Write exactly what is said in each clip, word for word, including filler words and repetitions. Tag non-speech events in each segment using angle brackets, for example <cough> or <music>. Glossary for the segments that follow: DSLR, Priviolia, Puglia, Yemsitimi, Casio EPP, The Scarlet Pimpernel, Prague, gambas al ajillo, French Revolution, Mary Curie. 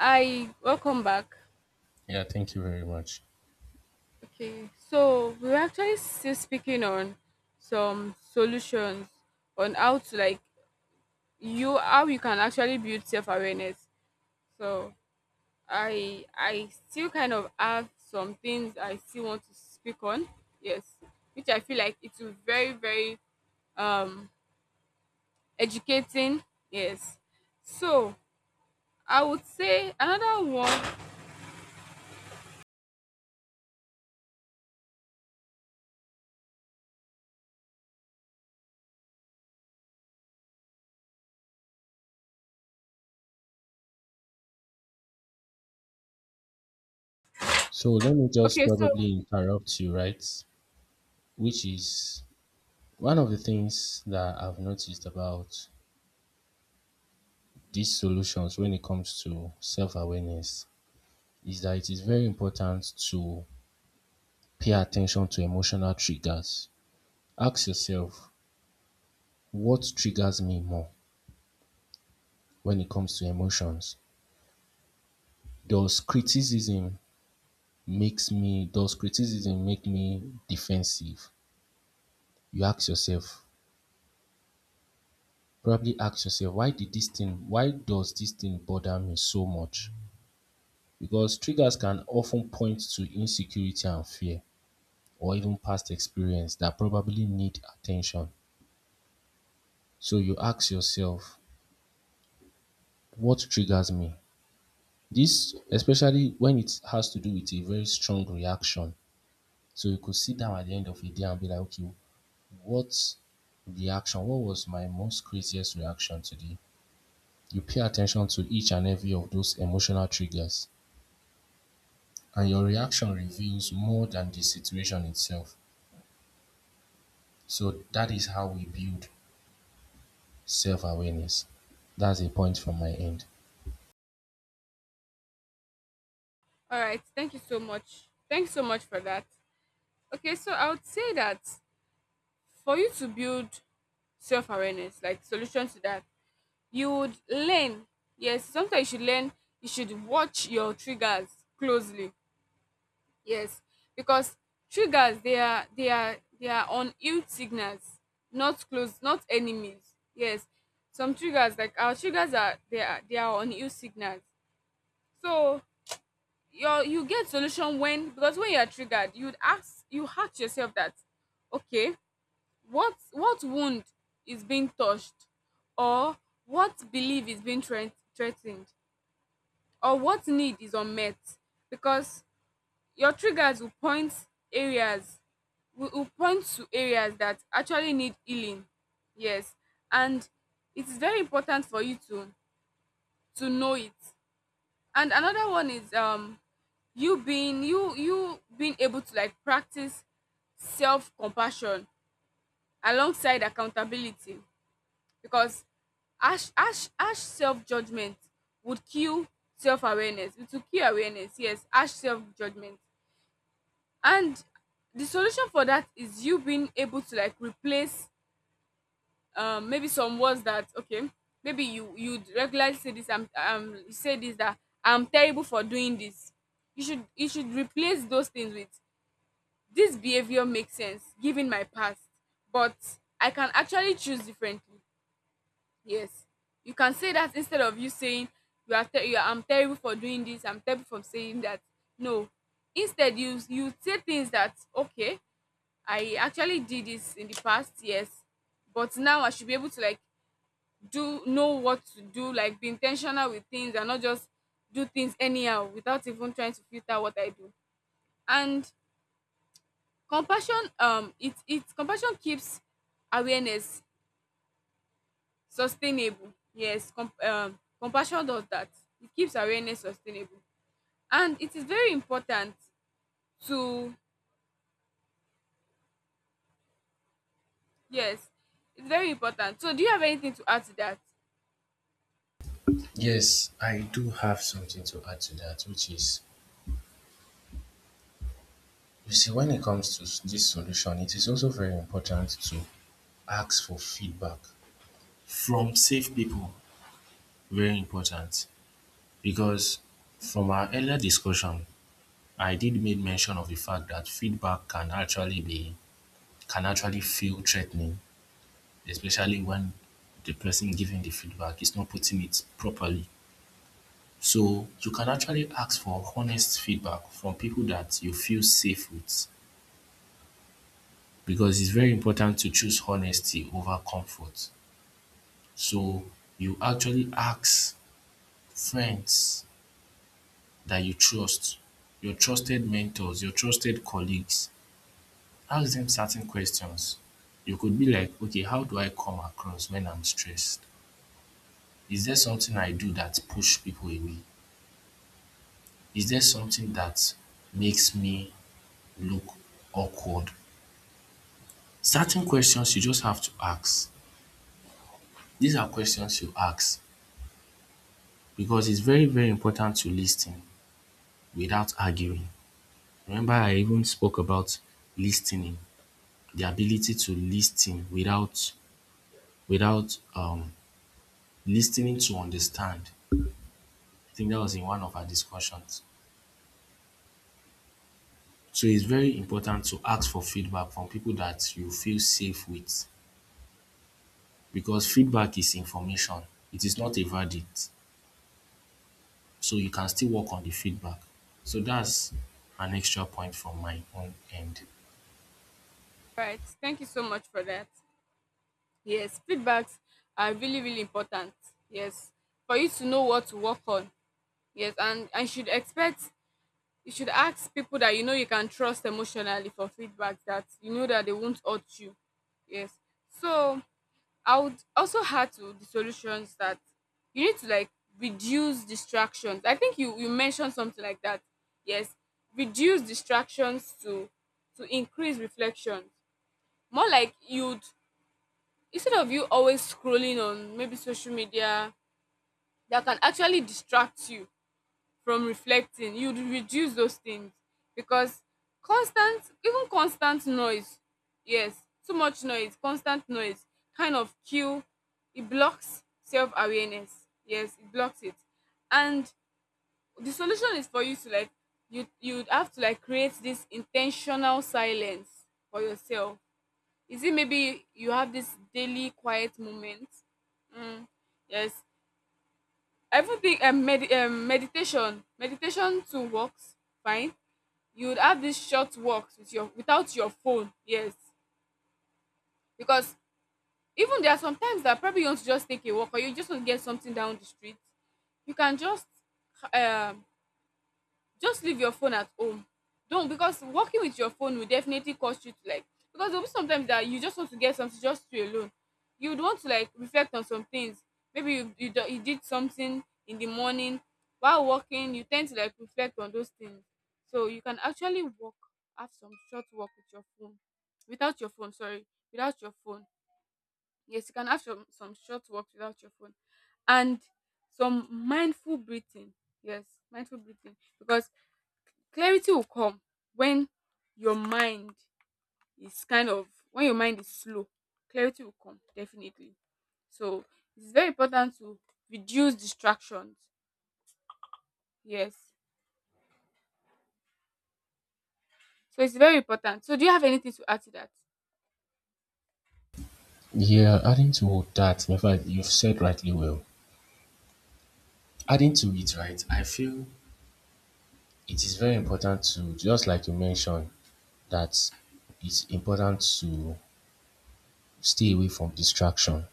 I welcome back. Yeah, thank you very much. Okay, so we were actually still speaking on some solutions on how to like you how you can actually build self awareness. So I I still kind of have some things I still want to speak on. Yes, which I feel like it's very very um educating. Yes, so I would say another one. So let me just Okay, so probably interrupt you, right? Which is one of the things that I've noticed about these solutions when it comes to self awareness is that it is very important to pay attention to emotional triggers. Ask yourself, what triggers me more when it comes to emotions? Does criticism makes me does criticism make me defensive? You ask yourself, probably ask yourself why did this thing why does this thing bother me so much, because triggers can often point to insecurity and fear, or even past experience that probably need attention. So you ask yourself, what triggers me, this especially when it has to do with a very strong reaction. So you could sit down at the end of a day and be like, okay, what reaction what was my most craziest reaction today? You pay attention to each and every of those emotional triggers, and your reaction reveals more than the situation itself. So that is how we build self awareness. That's a point from my end. all right, thank you so much. Thanks so much for that. Okay, so I would say that for you to build self awareness, like solution to that, you would learn. Yes, sometimes you should learn, you should watch your triggers closely. Yes, because triggers they are they are they are on ill signals, not close, not enemies. Yes, some triggers like our triggers are they are they are on ill signals. So your you get solution when, because when you are triggered, you'd ask you ask yourself that, okay, what what wound is being touched, or what belief is being threat- threatened, or what need is unmet, because your triggers will point areas, will, will point to areas that actually need healing. Yes. And it is very important for you to to know it. And another one is um you being you you being able to like practice self-compassion alongside accountability, because harsh harsh harsh self judgment would kill self awareness. It will kill awareness. Yes, harsh self judgment. And the solution for that is you being able to like replace um maybe some words that, okay, maybe you you would regularly say this I'm um You say this, that I'm terrible for doing this. You should you should replace those things with, this behavior makes sense given my past, but I can actually choose differently. Yes, you can say that instead of you saying you are, ter- you are I'm terrible for doing this, I'm terrible for saying that. No, instead you you say things that, okay, I actually did this in the past, yes, but now I should be able to like do know what to do, like be intentional with things and not just do things anyhow without even trying to filter what I do. And compassion, um, it it compassion keeps awareness sustainable. Yes, com- um, compassion does that. It keeps awareness sustainable. And it is very important to, yes, it's very important. So, do you have anything to add to that? Yes, I do have something to add to that, which is, you see, when it comes to s- this solution, it is also very important to ask for feedback from safe people. Very important, because from our earlier discussion, I did make mention of the fact that feedback can actually be can actually feel threatening, especially when the person giving the feedback is not putting it properly. So you can actually ask for honest feedback from people that you feel safe with, because it's very important to choose honesty over comfort. So you actually ask friends that you trust, your trusted mentors, your trusted colleagues. Ask them certain questions. You could be like, okay, how do I come across when I'm stressed? Is there something I do that push people away? Is there something that makes me look awkward? Certain questions you just have to ask. These are questions you ask, because it's very, very important to lis without arguing. Remember I even spoke about listening, the ability to lis without without um lis to understand. I think that was in one of our discussions. So it's very important to ask for feedback from people that you feel safe with, because feedback is information. It is not a verdict. So you can still work on the feedback. So that's an extra point from my own end. Right. Thank you so much for that. Yes, feedbacks are really, really important. Yes, for you to know what to work on. Yes, and and you should expect you should ask people that you know you can trust emotionally for feedback that you know that they won't hurt you. Yes. So I would also add to the solutions that you need to like reduce distractions. I think you you mentioned something like that. Yes, reduce distractions to to increase reflection. More like you'd instead of you always scrolling on maybe social media, that can actually distract you from reflecting, you'd reduce those things, because constant even constant noise, yes, too much noise, constant noise, kind of kill, it blocks self-awareness. Yes, it blocks it. And the solution is for you to like you you have to like create this intentional silence for yourself. Is it maybe you have this daily quiet moment? mm, yes, I even think um, med- um, meditation meditation too works fine. You would have these short walks with your without your phone. Yes, because even there are some times that probably you want to just take a walk, or you just want to get something down the street. You can just um just leave your phone at home. Don't, because working with your phone will definitely cause you to like, because there'll be sometimes that you just want to get something just to you alone. You would want to like reflect on some things. Maybe you you, do- you did something in the morning while working. You tend to like reflect on those things. So you can actually walk, have some short walk with your phone, without your phone. Sorry, without your phone. Yes, you can have some some short walks without your phone, and some mindful breathing. Yes, mindful breathing, because clarity will come when your mind is kind of when your mind is slow, clarity will come definitely. So it's very important to reduce distractions. Yes. So it's very important. So do you have anything to add to that? Yeah, adding to that, in fact, you've said rightly well. Adding to it, right, I feel it is very important to, just like you mentioned, that it's important to stay away from distraction.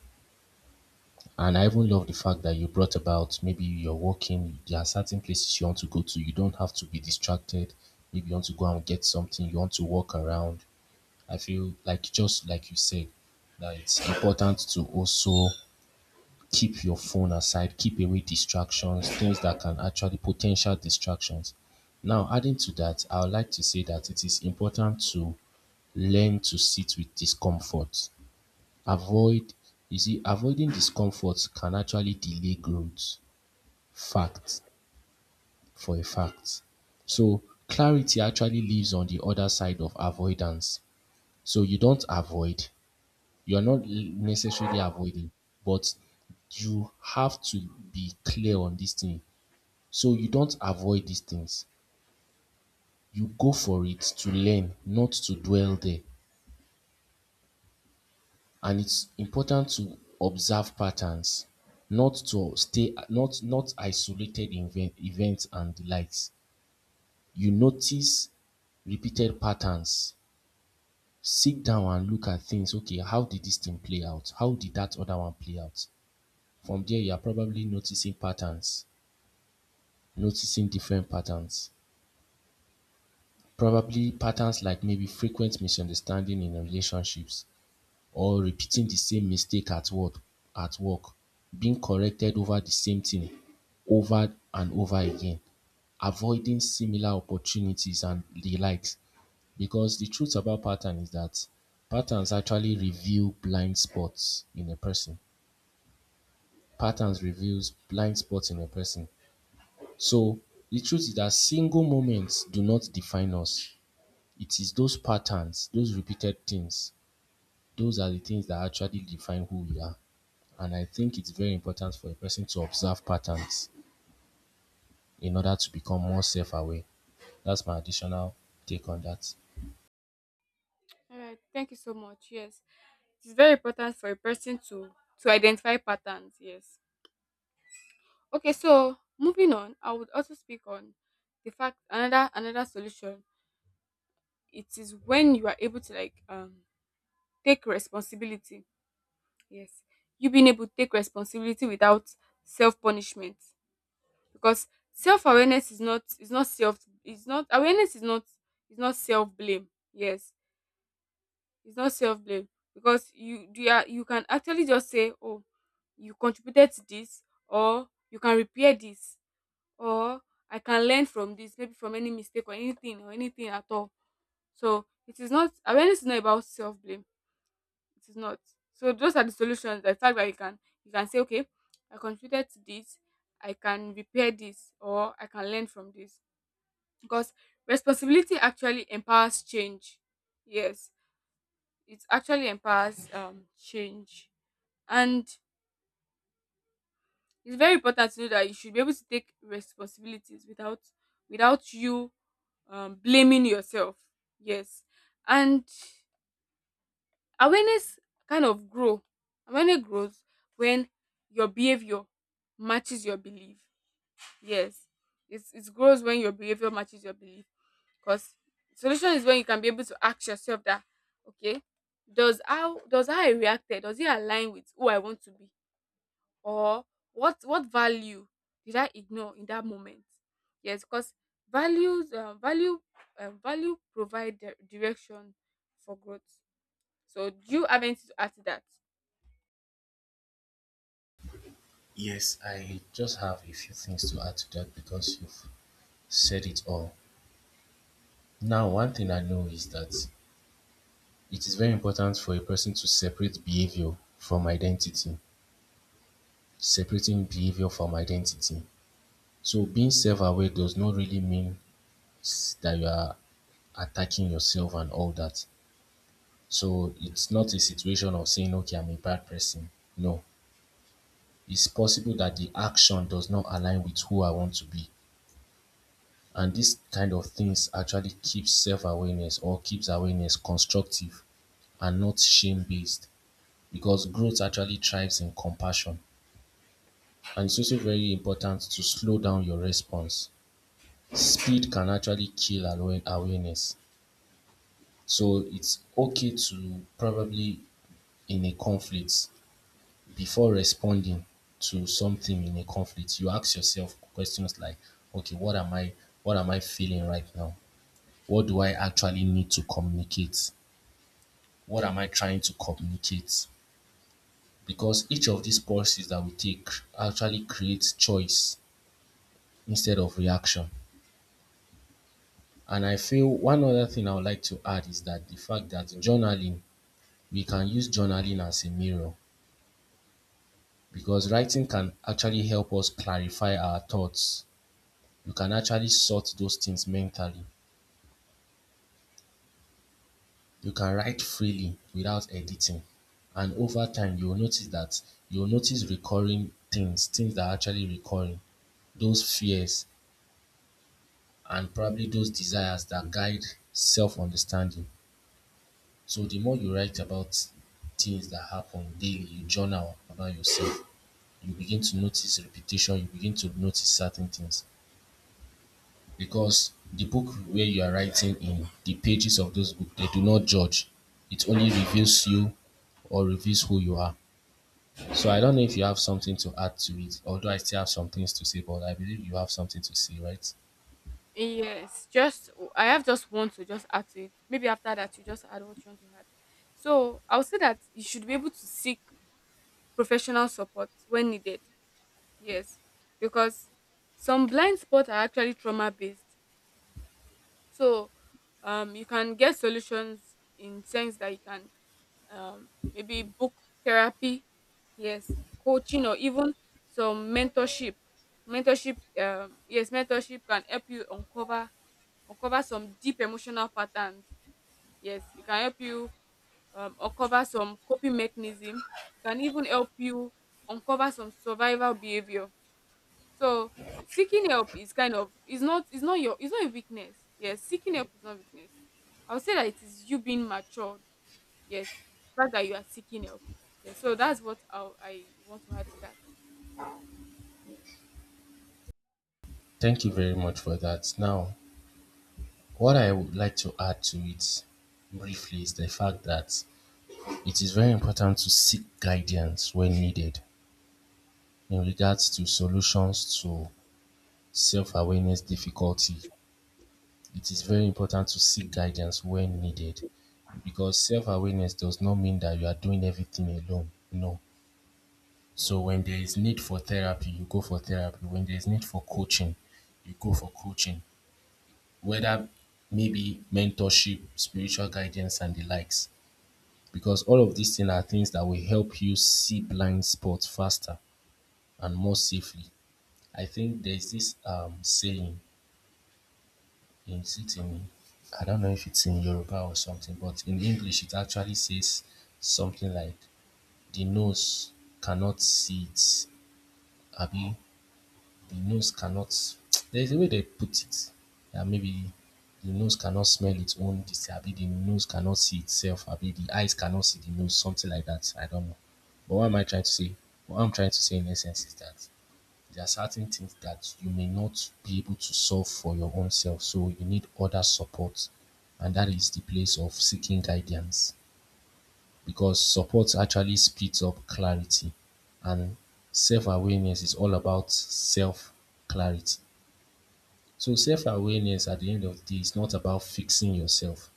And I even love the fact that you brought about, maybe you're walking, there are certain places you want to go to. You don't have to be distracted. Maybe you want to go and get something, you want to walk around. I feel like, just like you said, that it's important to also keep your phone aside, keep away distractions, things that can actually potential distractions. Now, adding to that, I would like to say that it is important to learn to sit with discomfort. Avoid, you see, avoiding discomfort can actually delay growth. Fact, for a fact. So clarity actually lives on the other side of avoidance. So you don't avoid. You're not necessarily avoiding, but you have to be clear on this thing. So you don't avoid these things. You go for it to learn, not to dwell there. And it's important to observe patterns, not to stay, not not isolated event, events and the likes. You notice repeated patterns. Sit down and look at things. Okay, how did this thing play out? How did that other one play out? From there, you are probably noticing patterns, noticing different patterns. Probably patterns like maybe frequent misunderstanding in relationships, or repeating the same mistake at work at work, being corrected over the same thing over and over again, avoiding similar opportunities and the likes. Because the truth about pattern is that patterns actually reveal blind spots in a person. Patterns reveals blind spots in a person. So the truth is that single moments do not define us. It is those patterns, those repeated things, those are the things that actually define who we are. And I think it's very important for a person to observe patterns in order to become more self aware. That's my additional take on that. All right. Thank you so much. Yes. It's very important for a person to to identify patterns. Yes. Okay, so moving on, I would also speak on the fact, another another solution. It is when you are able to like um take responsibility. Yes, you being able to take responsibility without self punishment, because self awareness is not, is not self is not awareness is not is not self blame. Yes, it's not self blame, because you you are you can actually just say, oh, you contributed to this, or you can repair this, or I can learn from this, maybe from any mistake or anything or anything at all. So it is not, awareness is not about self blame, it is not. So those are the solutions. The fact that you can you can say, okay, I contributed to this, I can repair this, or I can learn from this. Because responsibility actually empowers change. Yes, it actually empowers um change, and it's very important to know that you should be able to take responsibilities without without you um, blaming yourself. Yes, and awareness kind of grow. Awareness grows when your behavior matches your belief. Yes, it's it grows when your behavior matches your belief. Cause solution is when you can be able to ask yourself that, okay, does how does how I reacted, does it align with who I want to be, or what what value did I ignore in that moment? Yes, because values uh, value uh, value provide di- direction for growth. So do you have anything to add to that? Yes, I just have a few things to add to that, because you've said it all. Now, one thing I know is that it is very important for a person to separate behavior from identity, separating behavior from identity. So, being self aware does not really mean s- that you are attacking yourself and all that. So it's not a situation of saying, okay, I'm a bad person. No, it's possible that the action does not align with who I want to be. And this kind of things actually keeps self awareness, or keeps awareness constructive and not shame based, because growth actually thrives in compassion. And it's also very important to slow down your response. Speed can actually kill awa- awareness. So it's okay to probably in a conflict, before responding to something in a conflict, you ask yourself questions like, okay, what am I what am I feeling right now? What do I actually need to communicate? What am I trying to communicate? Because each of these pauses that we take actually creates choice instead of reaction. And I feel one other thing I would like to add is that the fact that journaling, we can use journaling as a mirror, because writing can actually help us clarify our thoughts. You can actually sort those things mentally. You can write freely without editing. And over time, you will notice that you will notice recurring things, things that are actually recurring, those fears and probably those desires that guide self understanding. So the more you write about things that happen daily, you journal about yourself, you begin to notice repetition, you begin to notice certain things. Because the book where you are writing in, the pages of those book, they do not judge. It only reveals you or reveals who you are. So I don't know if you have something to add to it, although I still have some things to say, but I believe you have something to say, right? Yes, just I have just one to just add to it. Maybe after that you just add what you want to add. So I would say that you should be able to seek professional support when needed. Yes, because some blind spots are actually trauma based. So um, you can get solutions in sense that you can um, maybe book therapy, yes, coaching, or even some mentorship. Mentorship, um, yes, mentorship can help you uncover uncover some deep emotional patterns. Yes, it can help you um, uncover some coping mechanism. It can even help you uncover some survival behavior. So seeking help is kind of is not is not your is not a weakness. Yes, seeking help is not weakness. I would say that it is you being matured, yes, the fact that you are seeking help. Yes, so that's what I I want to add to that. Thank you very much for that. Now, what I would like to add to it briefly is the fact that it is very important to seek guidance when needed in regards to solutions to self awareness difficulty. It is very important to seek guidance when needed, because self-awareness does not mean that you are doing everything alone. No. So when there is need for therapy, you go for therapy. When there is need for coaching, you go for coaching. Whether maybe mentorship, spiritual guidance, and the likes. Because all of these things are things that will help you see blind spots faster and more safely. I think there is this um, saying Yemsitimi. I don't know if it's in Yoruba or something, but in English it actually says something like the nose cannot see it. Abi, the nose cannot. <tsk> There's a way they put it. Yeah, maybe the nose cannot smell its own. dis- Abi, the nose cannot see itself. Abi, the eyes cannot see the nose. Something like that. I don't know. But what am I trying to say? What I'm trying to say in essence is that there are certain things that you may not be able to solve for your own self, so you need other support, and that is the place of seeking guidance, because support actually speeds up clarity, and self awareness is all about self clarity. So, self awareness at the end of the day is not about fixing yourself,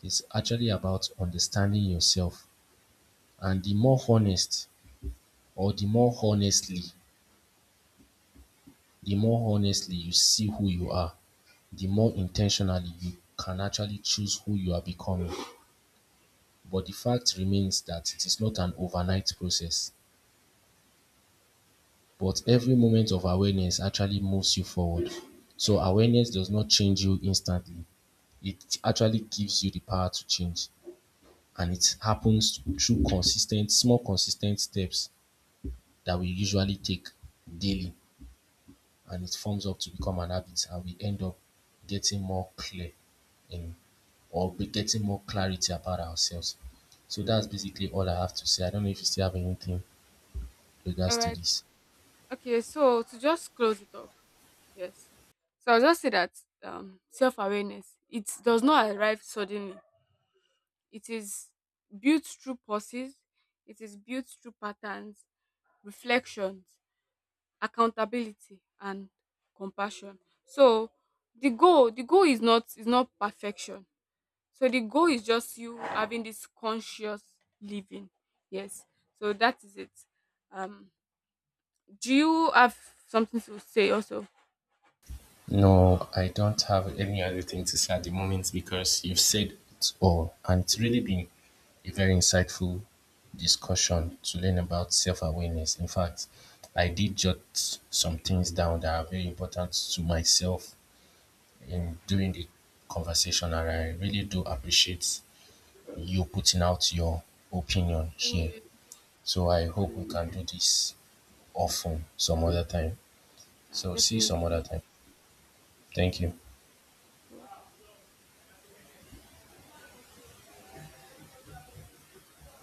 it's actually about understanding yourself. And the more honest or the more honestly the more honestly you see who you are, the more intentionally you can actually choose who you are becoming. But the fact remains that it is not an overnight process. But every moment of awareness actually moves you forward. So awareness does not change you instantly. It actually gives you the power to change. And it happens through consistent, small consistent steps that we usually take daily. And it forms up to become an habit, and we end up getting more clear in or be getting more clarity about ourselves. So that's basically all I have to say. I don't know if you still have anything All regards to right. this. Okay. So to just close it up. Yes. So I'll just say that um, self awareness, it does not arrive suddenly. It is built through pauses. It is built through patterns, reflections, accountability, and compassion. So the goal the goal is not is not perfection. So the goal is just you having this conscious living. Yes. So that is it. Um, do you have something to say also? No, I don't have any other thing to say at the moment, because you've said it all, and it's really been a very insightful discussion to learn about self-awareness. In fact, I did jot some things down that are very important to myself in Yeah. during the conversation, and I really do appreciate you putting out your opinion Same here. here, So I same hope we here. can do this often some other time. Yeah, So see you some other definitely. time. Thank you. See you.